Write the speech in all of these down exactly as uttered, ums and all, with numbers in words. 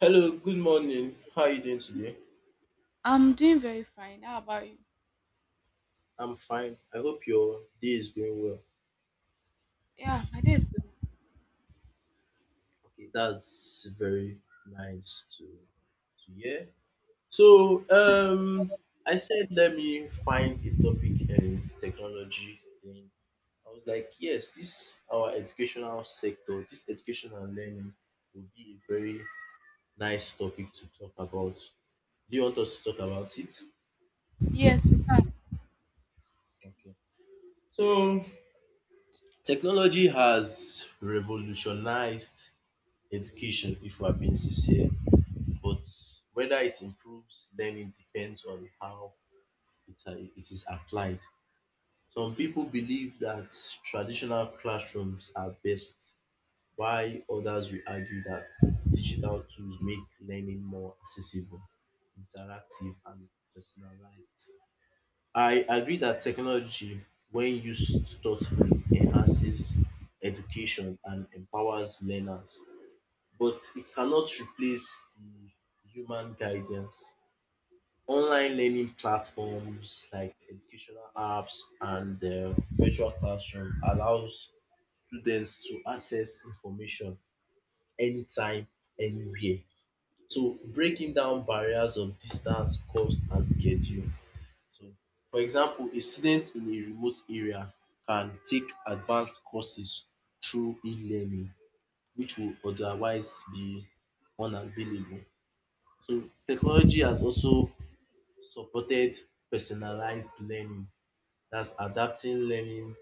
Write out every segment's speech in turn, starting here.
Hello, good morning. How are you doing today? I'm doing very fine. How about you? I'm fine. I hope your day is going well. Yeah, my day is good. Okay, that's very nice to to hear. So, um, I said let me find a topic in technology. Then I was like, yes, this our educational sector, this educational learning would be a very nice topic to talk about. Do you want us to talk about it? Yes, we can. Okay. So, technology has revolutionized education if we're being sincere, but whether it improves learning depends on how it, are- it is applied. Some people believe that traditional classrooms are best, while others will argue that digital tools make learning more accessible, interactive and personalized. I agree that technology when used thoughtfully enhances education and empowers learners, but it cannot replace the human guidance. Online learning platforms like educational apps and uh, virtual classroom allows students to access information anytime, anywhere. So breaking down barriers of distance, cost, and schedule. So, for example, a student in a remote area can take advanced courses through e-learning, which will otherwise be unavailable. So technology has also supported personalized learning. That's adapting learning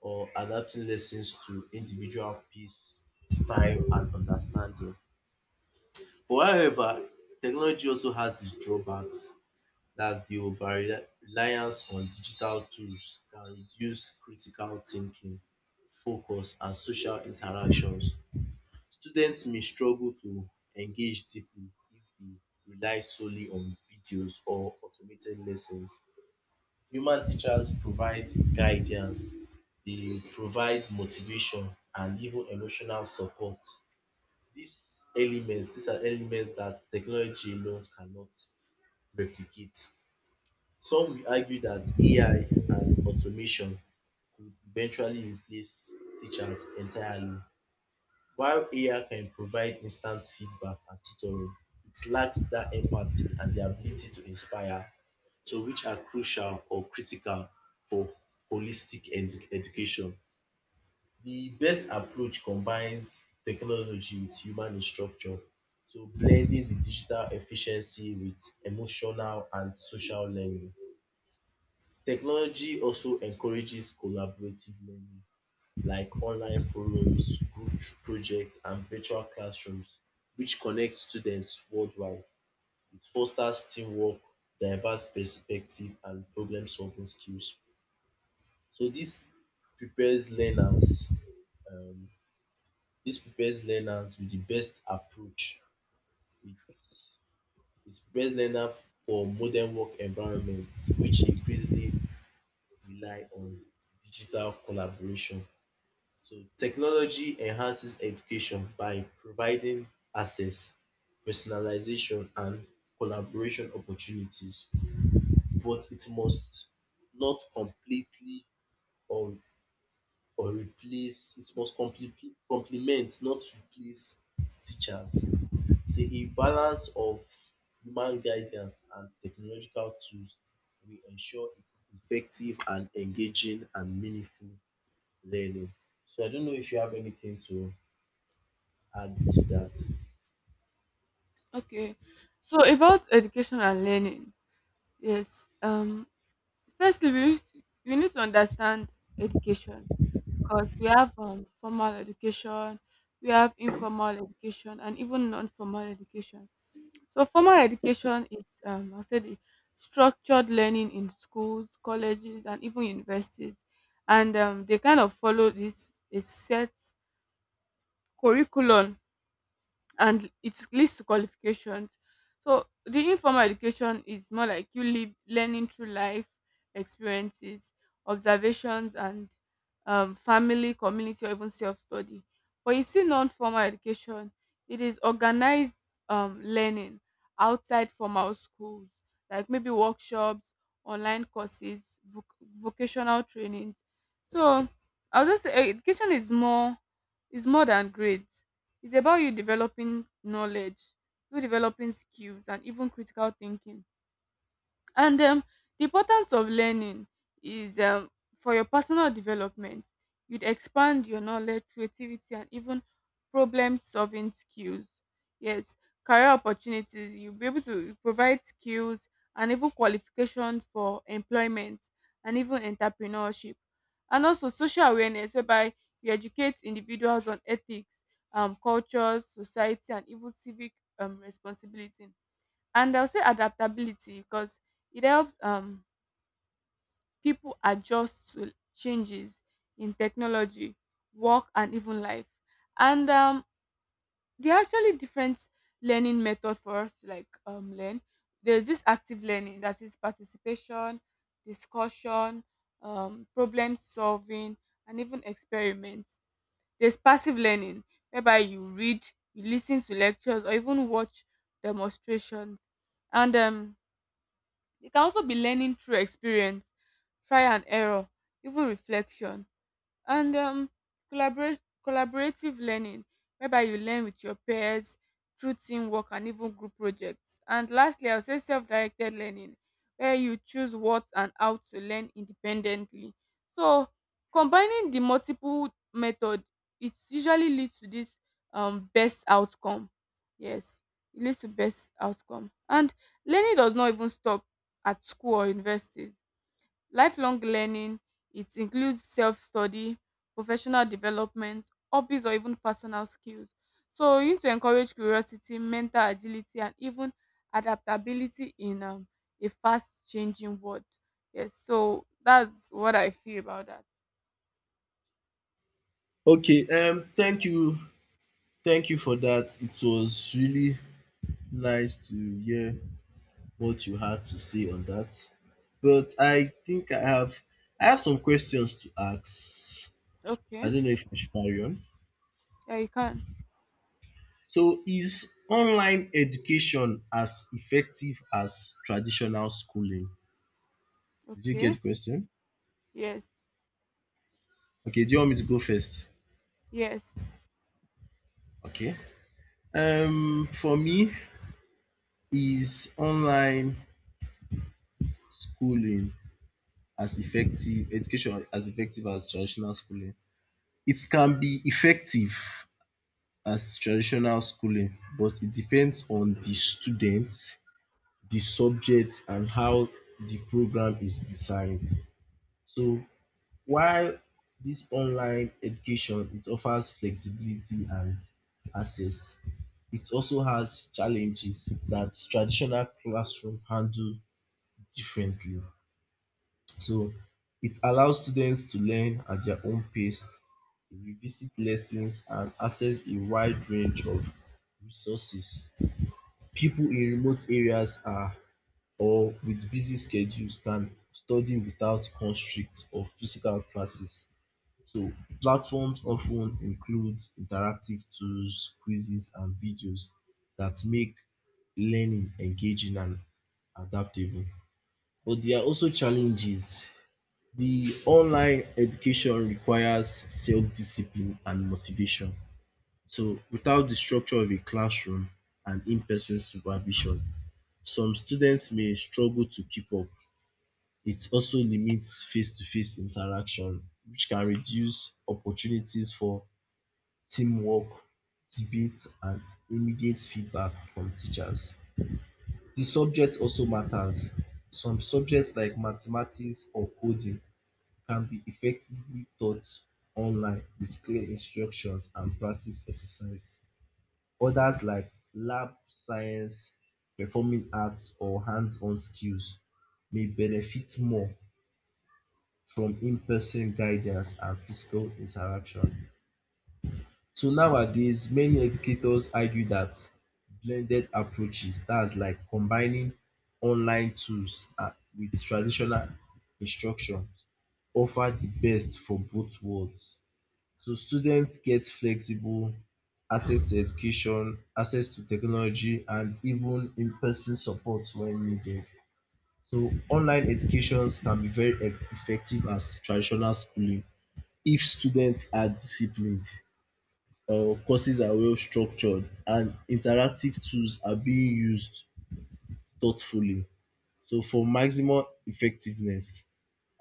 or adapting lessons to individual pace, style, and understanding. But however, technology also has its drawbacks. That's the over reliance on digital tools can reduce critical thinking, focus, and social interactions. Students may struggle to engage deeply if they rely solely on videos or automated lessons. Human teachers provide guidance, they provide motivation and even emotional support. These elements, these are elements that technology alone cannot replicate. Some will argue that A I and automation could eventually replace teachers entirely. While A I can provide instant feedback and tutoring, it lacks that empathy and the ability to inspire, so which are crucial or critical for holistic edu- education. The best approach combines technology with human instruction, so blending the digital efficiency with emotional and social learning. Technology also encourages collaborative learning like online forums, group projects, and virtual classrooms, which connect students worldwide. It fosters teamwork, diverse perspective, and problem solving skills. So this prepares learners. Um, this prepares learners with the best approach. It it prepares learners for modern work environments, which increasingly rely on digital collaboration. So technology enhances education by providing access, personalization, and collaboration opportunities, but it must not completely or or replace, it must completely complement, not replace teachers. So a balance of human guidance and technological tools will ensure effective and engaging and meaningful learning. So I don't know if you have anything to add to that. Okay. So about education and learning. Yes. Um. Firstly, we need to, we need to understand education because we have um formal education, we have informal education, and even non-formal education. So formal education is um I said the structured learning in schools, colleges, and even universities, and um, they kind of follow this a set curriculum, and it leads to qualifications. So the informal education is more like you live learning through life experiences, observations, and um, family, community, or even self study. But you see, non-formal education, it is organized um, learning outside formal schools, like maybe workshops, online courses, voc- vocational trainings. So I'll just say eh, education is more is more than grades. It's about you developing knowledge, you developing skills, and even critical thinking. And um, the importance of learning is um, for your personal development. You'd expand your knowledge, creativity, and even problem solving skills. Yes, career opportunities. You'll be able to provide skills and even qualifications for employment and even entrepreneurship. And also social awareness, whereby you educate individuals on ethics, um, cultures, society, and even civic um, responsibility. And I'll say adaptability because it helps um people adjust to changes in technology, work, and even life. And um there are actually different learning methods for us to like um learn. There's this active learning, that is participation, discussion, um problem solving, and even experiments. There's passive learning, whereby you read, you listen to lectures, or even watch demonstrations. And um they can also be learning through experience, try and error, even reflection. And um collaborate collaborative learning, whereby you learn with your peers through teamwork and even group projects. And lastly, I'll say self-directed learning, where you choose what and how to learn independently. So combining the multiple method, it usually leads to this um best outcome. Yes, it leads to best outcome. And learning does not even stop at school or universities. Lifelong learning, it includes self-study, professional development, hobbies, or even personal skills. So you need to encourage curiosity, mental agility, and even adaptability in um, a fast changing world. Yes, so that's what I feel about that. Okay, um, thank you, thank you for that. It was really nice to hear what you had to say on that. But I think I have, I have some questions to ask. I Okay. don't know if I should carry on. Yeah, you can. So, is online education as effective as traditional schooling? Did you get Okay. the question? Yes. Okay, do you want me to go first? Yes. Okay. Um, for me, is online schooling as effective education as effective as traditional schooling? It can be effective as traditional schooling, but it depends on the student, the subject and how the program is designed. So while this online education it offers flexibility and access, it also has challenges that traditional classroom handle differently. So it allows students to learn at their own pace, revisit lessons, and access a wide range of resources. People in remote areas are or with busy schedules can study without constraints of physical classes. So platforms often include interactive tools, quizzes, and videos that make learning engaging and adaptable. But there are also challenges. The online education requires self-discipline and motivation. So without the structure of a classroom and in-person supervision, some students may struggle to keep up. It also limits face-to-face interaction, which can reduce opportunities for teamwork, debate, and immediate feedback from teachers. The subject also matters. Some subjects like mathematics or coding can be effectively taught online with clear instructions and practice exercise. Others, like lab science, performing arts, or hands on skills, may benefit more from in person guidance and physical interaction. So nowadays, many educators argue that blended approaches, that's like combining online tools and with traditional instruction, offer the best for both worlds. So students get flexible access to education, access to technology and even in-person support when needed. So online educations can be very e effective as traditional schooling if students are disciplined, um courses are well structured and interactive tools are being used thoughtfully. So for maximum effectiveness.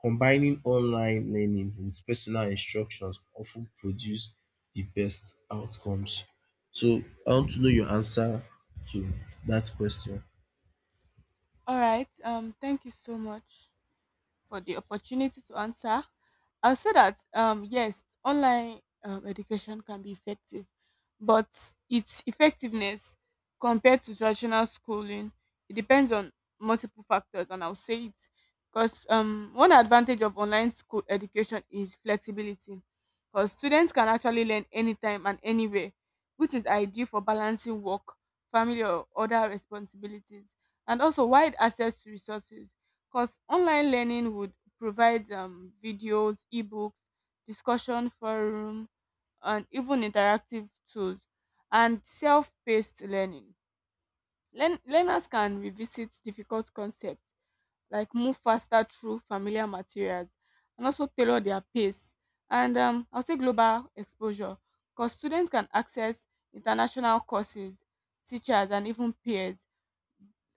Combining online learning with personal instructions often produce the best outcomes. So I want to know your answer to that question. All right. Um thank you so much for the opportunity to answer. I'll say that um, yes, online um, education can be effective, but its effectiveness compared to traditional schooling, it depends on multiple factors. And I'll say it because um, one advantage of online school education is flexibility, because students can actually learn anytime and anywhere, which is ideal for balancing work, family, or other responsibilities. And also wide access to resources, because online learning would provide um, videos, ebooks, discussion forum, and even interactive tools, and self-paced learning. Learn- learners can revisit difficult concepts, like move faster through familiar materials, and also tailor their pace. And um, I'll say global exposure, because students can access international courses, teachers, and even peers,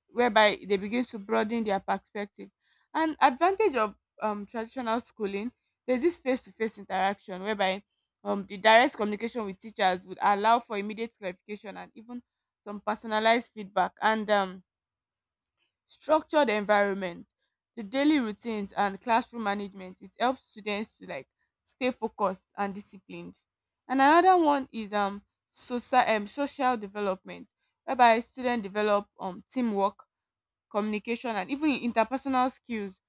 whereby they begin to broaden their perspective. And advantage of um, traditional schooling, there's this face-to-face interaction, whereby um, the direct communication with teachers would allow for immediate clarification and even some personalized feedback. And um, structured environment, the daily routines and classroom management, it helps students to like stay focused and disciplined. And another one is um, social, um, social development, whereby students develop um, teamwork, communication, and even in interpersonal skills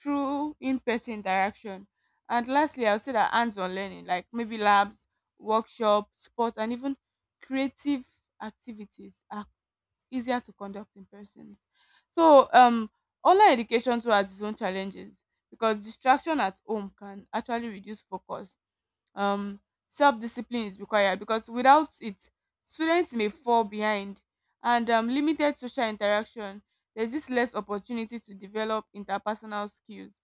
through in-person interaction. And lastly, I'll say that hands-on learning, like maybe labs, workshops, sports, and even creative activities are easier to conduct in person. So um, online education too has its own challenges, because distraction at home can actually reduce focus. um Self-discipline is required, because without it students may fall behind. And um, limited social interaction, there's this less opportunity to develop interpersonal skills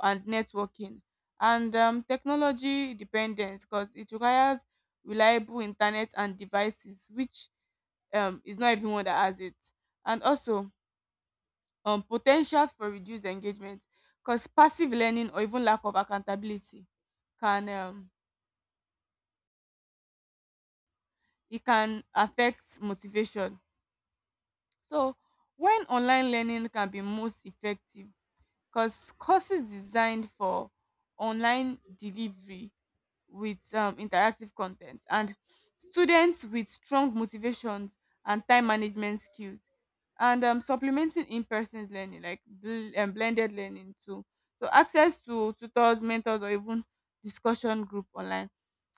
and networking. And um, technology dependence, because it requires reliable internet and devices, which um, is not everyone that has it. And also, um, potentials for reduced engagement, because passive learning or even lack of accountability can um, it can affect motivation. So when online learning can be most effective, because courses designed for online delivery with um, interactive content, and students with strong motivations and time management skills, and um, supplementing in-person learning like bl- um, blended learning too. So access to tutors, mentors, or even discussion group online.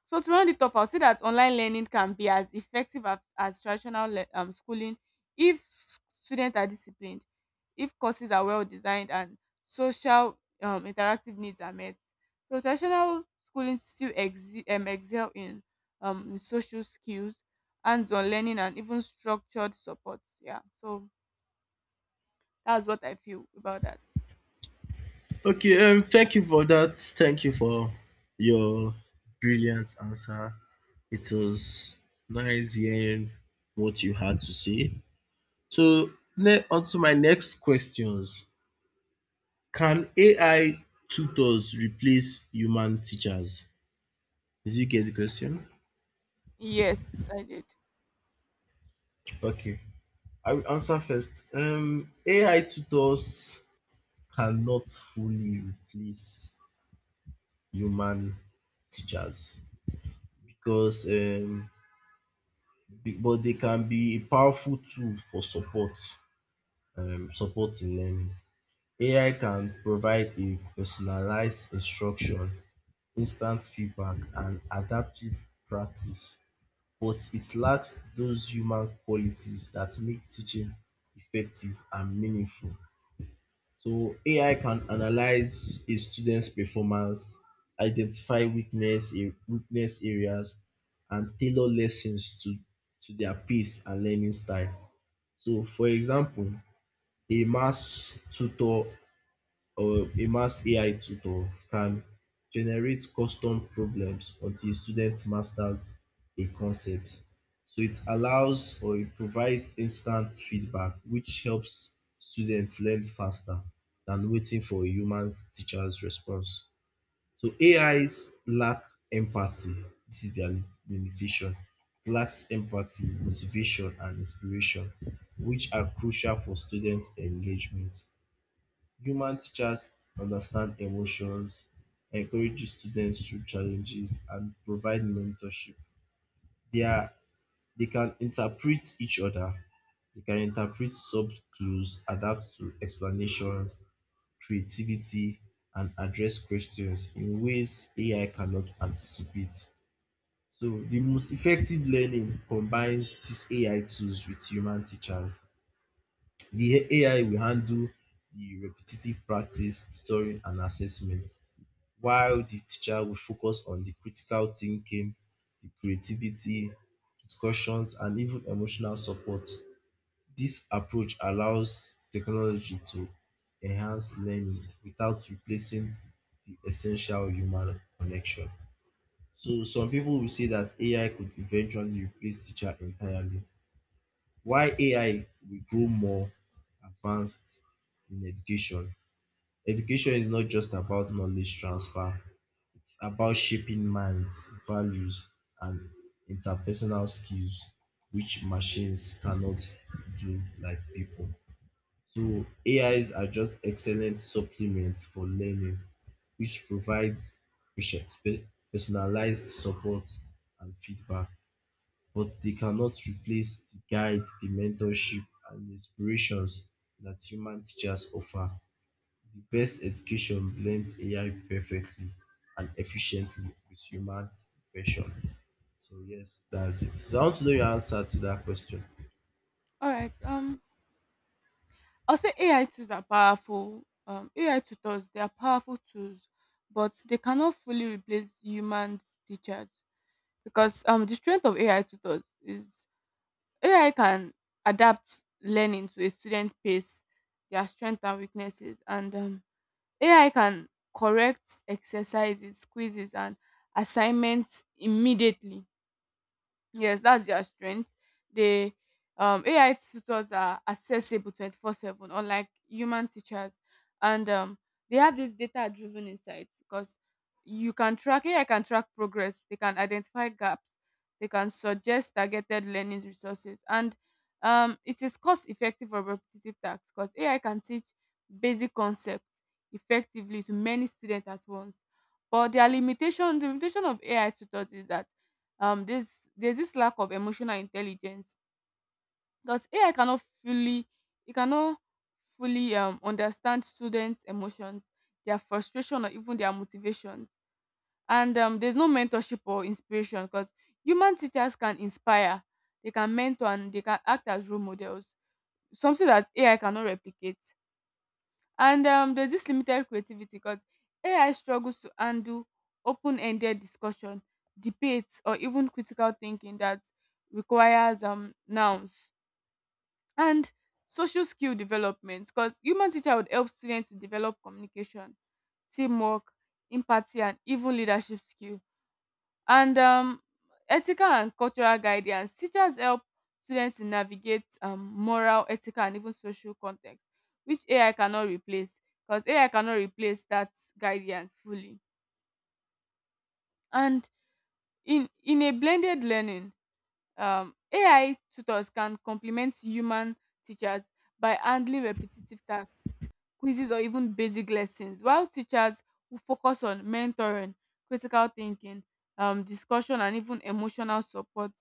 So to round it off, I'll say that online learning can be as effective as, as traditional le- um, schooling if s- students are disciplined, if courses are well designed, and social um, interactive needs are met. So traditional schooling still exi- um, excel in, um, in social skills, hands-on learning, and even structured support. Yeah. So that's what I feel about that. Okay, um, thank you for that. Thank you for your brilliant answer. It was nice hearing what you had to say. So ne- on to my next questions. Can A I tutors replace human teachers? Did you get the question? Yes, I did. Okay. I will answer first. Um, A I tutors cannot fully replace human teachers because um, be- but they can be a powerful tool for support, um, support in learning. A I can provide a personalized instruction, instant feedback, and adaptive practice, but it lacks those human qualities that make teaching effective and meaningful. So A I can analyze a student's performance, identify weakness a- weakness areas, and tailor lessons to, to their pace and learning style. So for example, a maths tutor or a maths A I tutor can generate custom problems until a student masters a concept. So it allows or it provides instant feedback, which helps students learn faster than waiting for a human teacher's response. So A Is lack empathy. This is their limitation. It lacks empathy, motivation, and inspiration, which are crucial for students' engagement. Human teachers understand emotions, encourage students through challenges, and provide mentorship. They are they can interpret each other. They can interpret soft clues, adapt to explanations, creativity, and address questions in ways A I cannot anticipate. So the most effective learning combines these A I tools with human teachers. The A I will handle the repetitive practice, tutoring, and assessment, while the teacher will focus on the critical thinking, the creativity, discussions, and even emotional support. This approach allows technology to enhance learning without replacing the essential human connection. So some people will say that A I could eventually replace teacher entirely. Why A I will grow more advanced in education. Education is not just about knowledge transfer, it's about shaping minds, values, and interpersonal skills, which machines cannot do like people. So A Is are just excellent supplements for learning, which provides pers- pe- personalized support and feedback, but they cannot replace the guide, the mentorship, and inspirations that human teachers offer. The best education blends A I perfectly and efficiently with human reflection. So yes, that's it. So I want to know your answer to that question. All right. Um. I'll say A I tools are powerful. Um, A I tutors, they are powerful tools, but they cannot fully replace human teachers, because um, the strength of A I tutors is A I can adapt learning to a student's pace, their strengths and weaknesses. And um, A I can correct exercises, quizzes, and assignments immediately. Yes, that's their strength. They um A I tutors are accessible twenty-four seven unlike human teachers. And um they have this data driven insights, because you can track, A I can track progress, they can identify gaps, they can suggest targeted learning resources. And um it is cost effective for repetitive tasks, because A I can teach basic concepts effectively to many students at once. But their limitation the limitation of A I tutors is that um there's there's this lack of emotional intelligence, because AI cannot fully, it cannot fully um understand students emotions, their frustration, or even their motivations. And um there's no mentorship or inspiration, because human teachers can inspire, they can mentor, and they can act as role models, something that AI cannot replicate. And um, there's this limited creativity, because A I struggles to handle open ended discussion, debates, or even critical thinking that requires um, nouns. And social skill development, because human teacher would help students to develop communication, teamwork, empathy, and even leadership skills. And um, ethical and cultural guidance. Teachers help students to navigate um, moral, ethical, and even social context, which A I cannot replace, because A I cannot replace that guidance fully. And in, in a blended learning, um, A I tutors can complement human teachers by handling repetitive tasks, quizzes, or even basic lessons, while teachers will focus on mentoring, critical thinking, um, discussion, and even emotional support.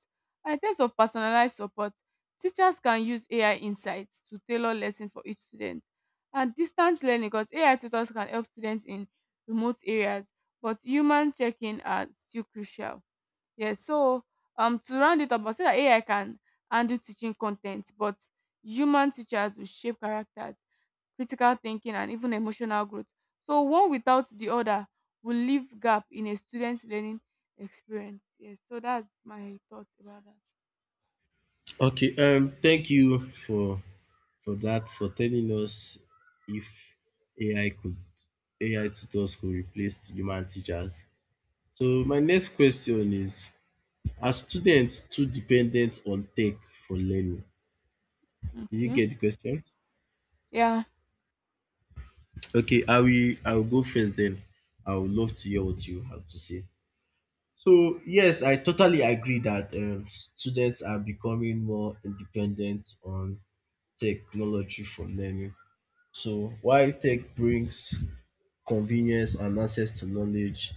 And in terms of personalized support, teachers can use A I insights to tailor lessons for each student. And distance learning, because A I tutors can help students in remote areas, but human checking are still crucial. Yes, so um to round it up, I say that A I can handle teaching content, but human teachers will shape characters, critical thinking, and even emotional growth. So one without the other will leave gap in a student's learning experience. Yes, so that's my thoughts about that. Okay, um thank you for for that, for telling us if A I could A I tutors could replace human teachers. So my next question is, are students too dependent on tech for learning? Did you Okay. get the question? Yeah. Okay, I will I will go first then. I would love to hear what you have to say. So yes, I totally agree that um, students are becoming more independent on technology for learning. So while tech brings convenience and access to knowledge,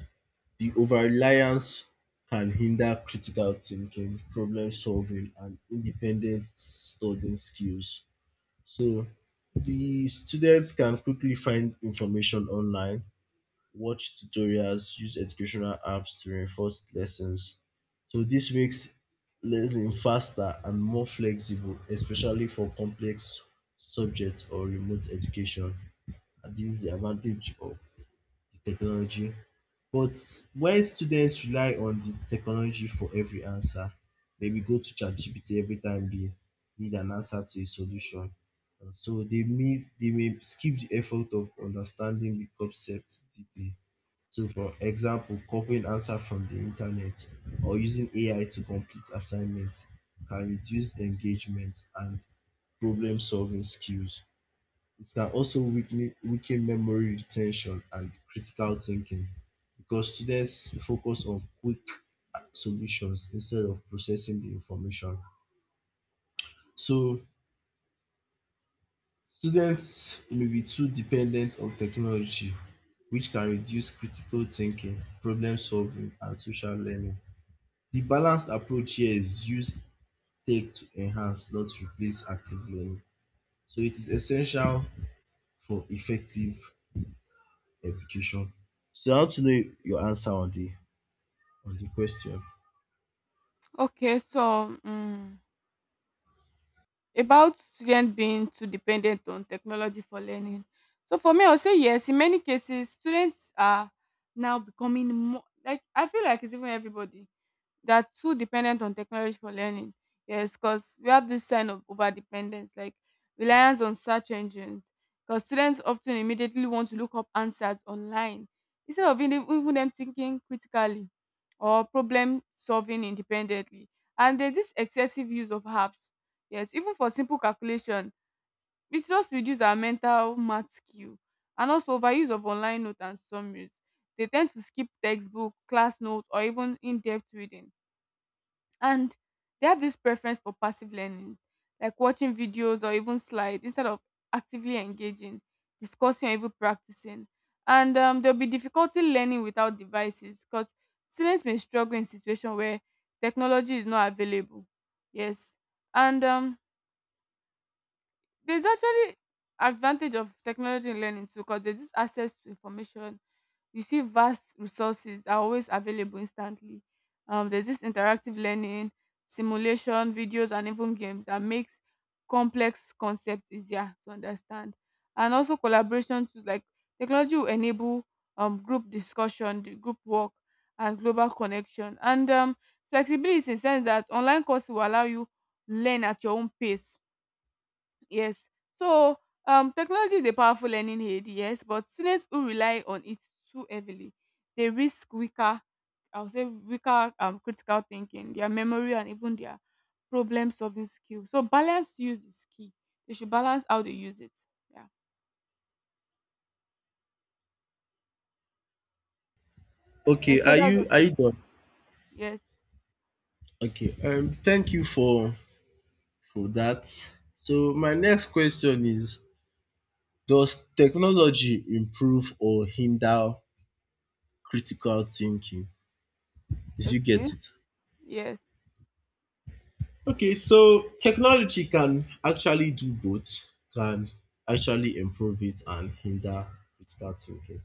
the over-reliance can hinder critical thinking, problem solving, and independent studying skills. So the students can quickly find information online, watch tutorials, use educational apps to reinforce lessons. So this makes learning faster and more flexible, especially for complex subjects or remote education. And this is the advantage of the technology. But when students rely on the technology for every answer, maybe go to ChatGPT every time they need an answer to a solution. And so they may, they may skip the effort of understanding the concept deeply. So, for example, copying answer from the internet or using A I to complete assignments can reduce engagement and problem solving skills. It can also weaken, weaken memory retention and critical thinking because students focus on quick solutions instead of processing the information. So, students may be too dependent on technology, which can reduce critical thinking, problem solving, and social learning. The balanced approach here is use tech to enhance, not replace, active learning. So it is essential for effective education. So I want to know your answer on the on the question. Okay. So. mm about student being too dependent on technology for learning. So for me, I'll say yes. In many cases, students are now becoming more, like, I feel like it's even everybody, they are too dependent on technology for learning. Yes, because we have this sign of over dependence, like reliance on search engines. Because students often immediately want to look up answers online instead of even even them thinking critically or problem solving independently. And there's this excessive use of apps. Yes, even for simple calculation, it just reduces our mental math skill. And also overuse of online notes and summaries. They tend to skip textbook, class notes, or even in depth reading. And they have this preference for passive learning, like watching videos or even slides, instead of actively engaging, discussing, or even practicing. And um, there'll be difficulty learning without devices, because students may struggle in situations where technology is not available. Yes. And um, there's actually advantage of technology in learning too, because there's this access to information. You see vast resources are always available instantly. Um, there's this interactive learning, simulation videos, and even games that makes complex concepts easier to understand. And also collaboration tools, like technology will enable um, group discussion, the group work, and global connection. And um, flexibility, in sense that online courses will allow you learn at your own pace. Yes. So um, technology is a powerful learning aid, yes, but students who rely on it too heavily, they risk weaker, I would say weaker um, critical thinking, their memory, and even their problem solving skill. So balance use is key. They should balance how they use it. Yeah. Yeah. Okay, So are that's you are what, you done? yes. Okay. Um thank you for for that. So my next question is, does technology improve or hinder critical thinking? Did you Okay. get it? Yes. Okay, so technology can actually do both, can actually improve it and hinder critical thinking.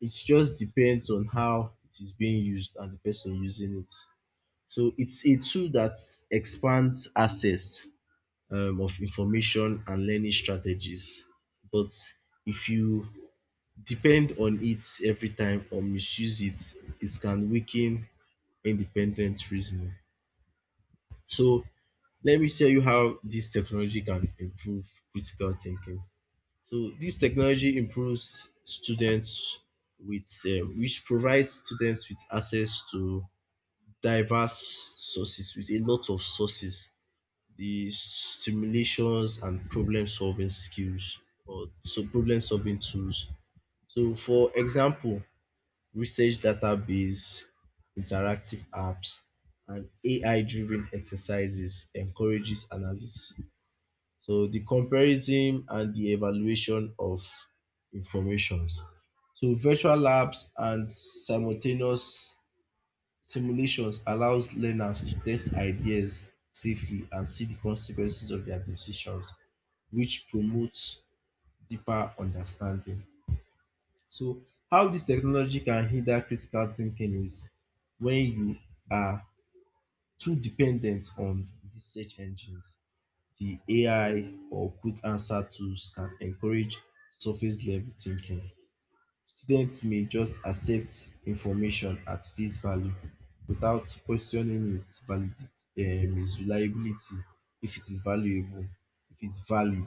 It just depends on how it is being used and the person using it. So it's a tool that expands access um, of information and learning strategies. But if you depend on it every time or misuse it, it can weaken independent reasoning. So let me tell you how this technology can improve critical thinking. So this technology improves students with um, which provides students with access to diverse sources with a lot of sources, the stimulations and problem solving skills or so problem solving tools. So for example, research database, interactive apps and A I driven exercises encourages analysis so the comparison and the evaluation of informations. So virtual labs and simultaneous simulations allows learners to test ideas safely and see the consequences of their decisions, which promotes deeper understanding. So how this technology can hinder critical thinking is when you are too dependent on the search engines. The A I or quick answer tools can encourage surface level thinking. Students may just accept information at face value without questioning its validity, um, its reliability, if it is valuable, if it's valid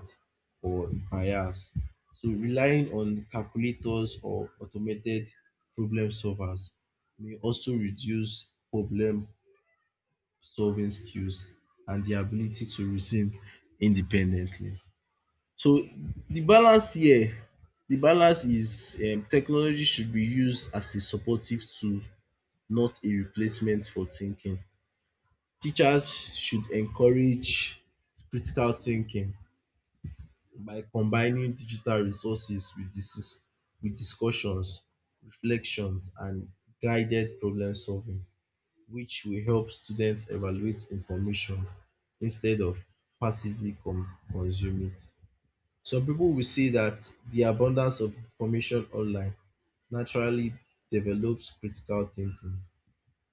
or biased. So relying on calculators or automated problem solvers may also reduce problem solving skills and the ability to reason independently. So the balance here, the balance is um technology should be used as a supportive tool, not a replacement for thinking. Teachers should encourage critical thinking by combining digital resources with dis with discussions, reflections and guided problem solving which will help students evaluate information instead of passively con consume it. Some people will say that the abundance of information online naturally develops critical thinking.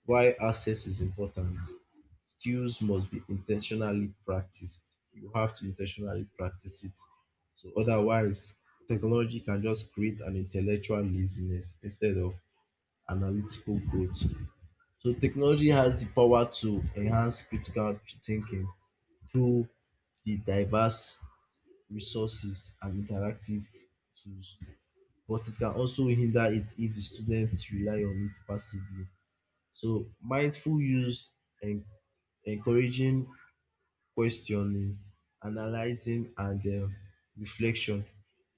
Why access is important, skills must be intentionally practiced. You have to intentionally practice it. So otherwise, technology can just create an intellectual laziness instead of analytical growth. So technology has the power to enhance critical thinking through the diverse resources and interactive tools, but it can also hinder it if the students rely on it passively. So mindful use, en- encouraging questioning, analyzing and um reflection,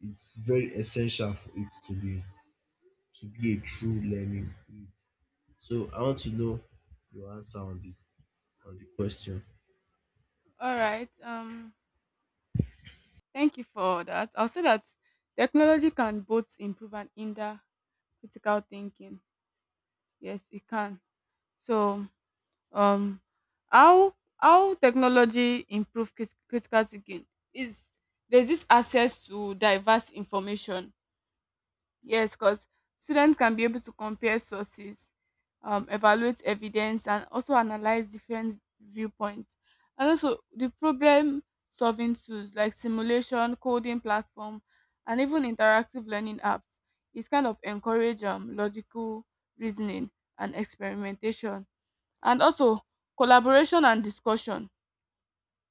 it's very essential for it to be to be a true learning aid. So I want to know your answer on the on the question. All right. Um. Thank you for that. I'll say that technology can both improve and hinder critical thinking. Yes, it can. So um how how technology improve crit- critical thinking is there's this access to diverse information, yes, because students can be able to compare sources, um, evaluate evidence and also analyze different viewpoints, and also the problem solving tools like simulation coding platform and even interactive learning apps is kind of encourage um, logical reasoning and experimentation, and also collaboration and discussion.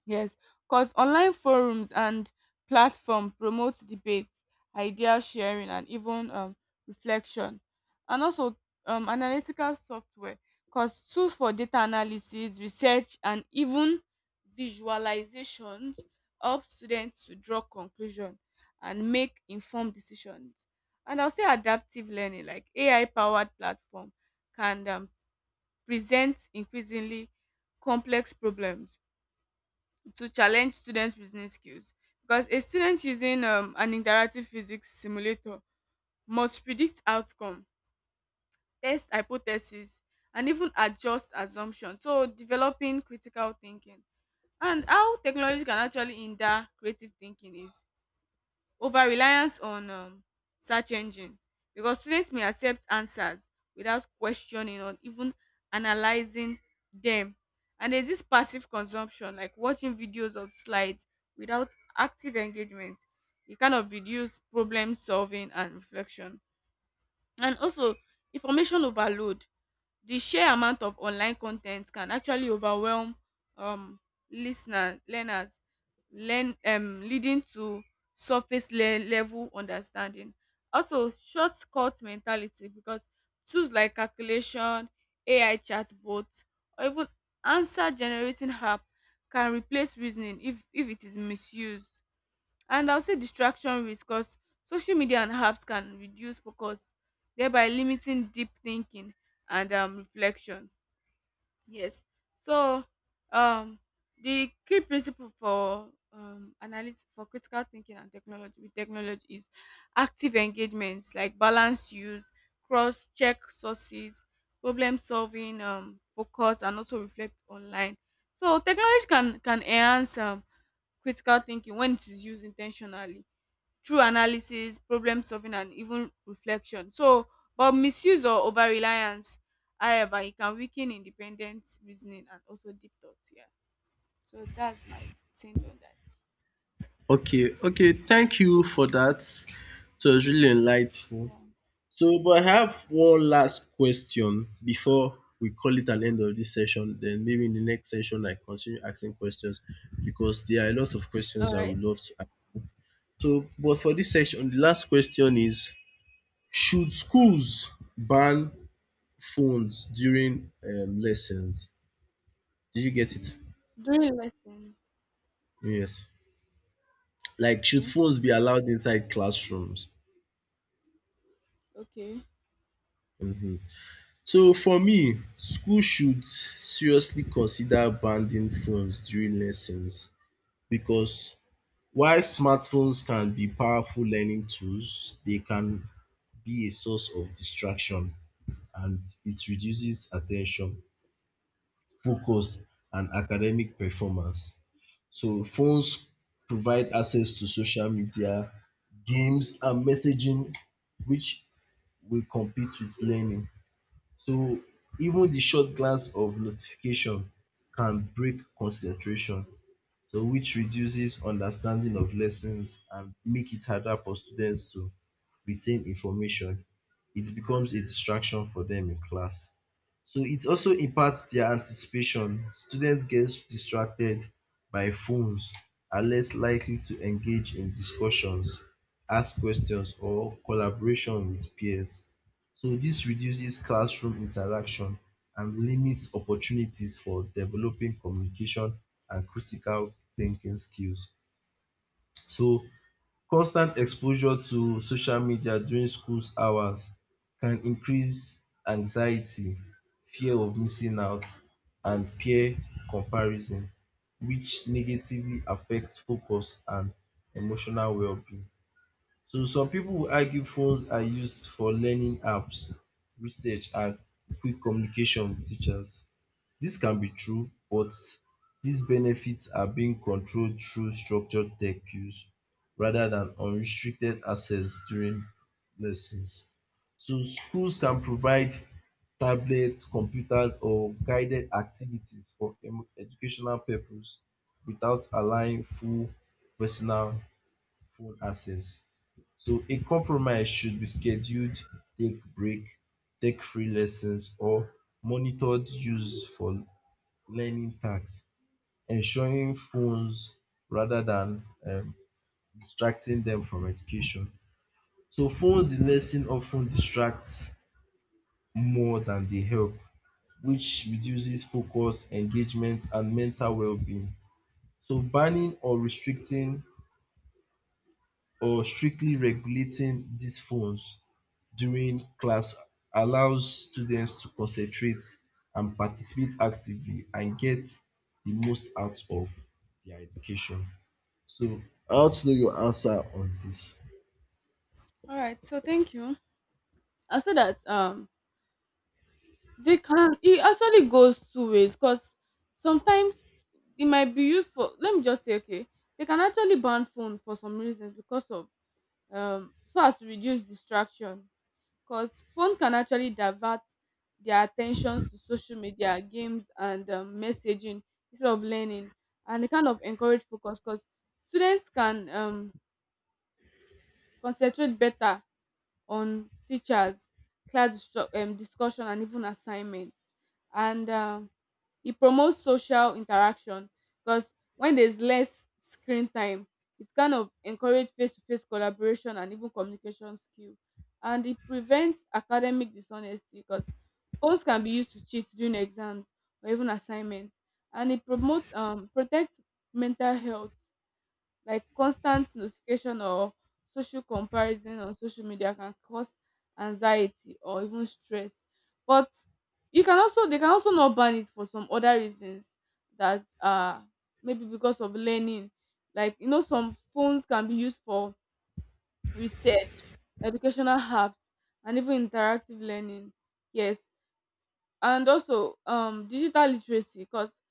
Yes, because online forums and platform promotes debate, idea sharing, and even um, reflection. And also um, analytical software, because tools for data analysis, research, and even visualizations help students to draw conclusion and make informed decisions. And I'll say adaptive learning, like A I powered platform, can um, present increasingly complex problems to challenge students reasoning skills, because a student using um, an interactive physics simulator must predict outcome, test hypothesis, and even adjust assumption, so developing critical thinking. And how technology can actually hinder creative thinking is over reliance on um search engine, because students may accept answers without questioning or even analyzing them. And there's this passive consumption, like watching videos of slides without active engagement. It kind of reduce problem solving and reflection. And also information overload, the sheer amount of online con ten t can actually overwhelm um lis ten ers learners learn um leading to surface le level understanding. Also shortcut mentality, because tools like calculation, A I chatbot, or even answer generating app can replace reasoning if if it is misused. And I'll say distraction risk, because social media and apps can reduce focus, thereby limiting deep thinking and um, reflection. Yes. So, um, the key principle for um analysis for critical thinking and technology with technology is active engagements like balanced use, cross check sources, problem solving, um, focus, and also reflect online. So, technology can can enhance um critical thinking when it is used intentionally through analysis, problem solving, and even reflection. So, but misuse or over reliance, however, it can weaken independent reasoning and also deep thoughts. Yeah. So that's my saint on that. Okay, okay, thank you for that. It was really enlightening. Yeah. So, but I have one last question before we call it an end of this session. Then maybe in the next session I continue asking questions because there are a lot of All questions I right. would love to ask. So, but for this section, the last question is: should schools ban phones during um, lessons? Did you get it? During lessons. Yes. Like, should Okay. phones be allowed inside classrooms? Okay. Mhm. So for me, school should seriously consider banning phones during lessons, because while smartphones can be powerful learning tools, they can be a source of distraction and it reduces attention, focus, and academic performance. So, phones provide access to social media, games, and messaging, which will compete with learning. So, even the short glance of notification can break concentration so which reduces understanding of lessons and make it harder for students to retain information. It becomes a distraction for them in class so it also impacts their anticipation. Students get distracted by phones, are less likely to engage in discussions, ask questions, or collaboration with peers. So this reduces classroom interaction and limits opportunities for developing communication and critical thinking skills. So constant exposure to social media during school hours can increase anxiety, fear of missing out and peer comparison which negatively affect focus and emotional wellbeing. So some pipu will argue phones are used for learning apps, research and quick communication with teachers. This can be true, but these benefits are being controlled through structured tech use rather than unrestricted access during lessons. So schools can provide tablets, computers or guided activities for emo- educational purpose without allowing full personal phone access. So a compromise should be scheduled take break, take free lessons or monitored use for learning tasks, ensuring phones rather than um, distracting them from education. So phones in lesson often distract more than they help, which reduces focus, engagement, and mental well-being. So banning or restricting or strictly regulating these phones during class allows students to concentrate and participate actively and get the most out of their education. So I want to know your answer on this. All right. So thank you. I said that um they can, it actually goes two ways, because sometimes it might be used for, let me just say, okay, they can actually ban phone for some reasons, because of um, so as to reduce distraction, because phone can actually divert their attention to social media, games, and um, messaging instead of learning. And it kind of encourage focus because students can um, concentrate better on teachers, class distru- um, discussion, and even assignments. And um, it promotes social interaction, because when there's less screen time, it kind of encourages face to face collaboration and even communication skill. And it prevents academic dishonesty because phones can be used to cheat during exams or even assignments. And it promotes um protects mental health. Like constant notification or social comparison on social media can cause anxiety or even stress. But you can also they can also not ban it for some other reasons that are maybe because of learning. Like you know, some phones can be used for research, educational apps, and even interactive learning. Yes, and also um digital literacy because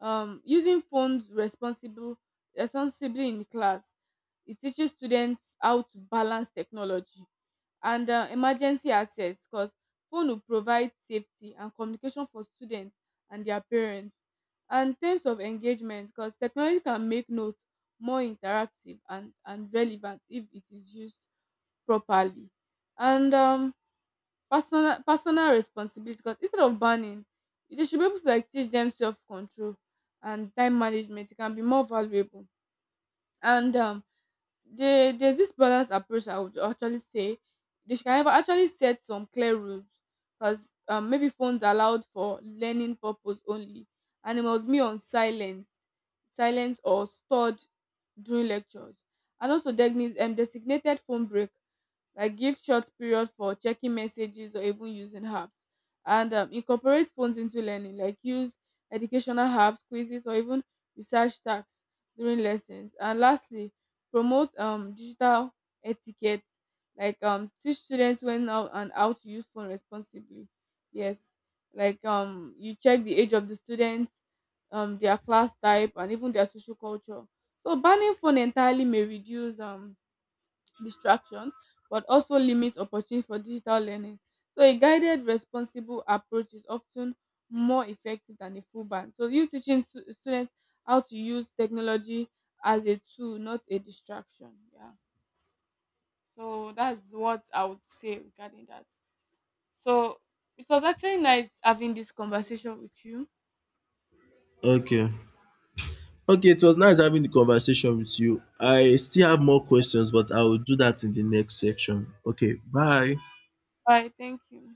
um using phones responsible responsibly in class, it teaches students how to balance technology. And uh, emergency access, because phone will provide safety and communication for students and their parents. And terms of engagement, because technology can make notes more interactive and and relevant if it is used properly. And um personal personal responsibility, because instead of banning they should be able to like teach them self-control and time management, it can be more valuable. And um they, there's this balanced approach. I would actually say they should have actually set some clear rules, because um, maybe phones are allowed for learning purpose only and it must be on silent silence or stored during lectures. And also designated, um, designated phone break, like give short period for checking messages or even using apps. And um, incorporate phones into learning, like use educational apps, quizzes, or even research tasks during lessons. And lastly, promote um digital etiquette, like um teach students when how and how to use phone responsibly. Yes, like um you check the age of the students, um their class type, and even their social culture. So banning phone entirely may reduce um distraction, but also limit opportunity for digital learning. So a guided responsible approach is often more effective than a full ban. So you teaching stu- students how to use technology as a tool, not a distraction. Yeah. So that's what I would say regarding that. So it was actually nice having this conversation with you. Okay. Okay, it was nice having the conversation with you. I still have more questions, but I will do that in the next section. Okay, bye. Bye. Thank you.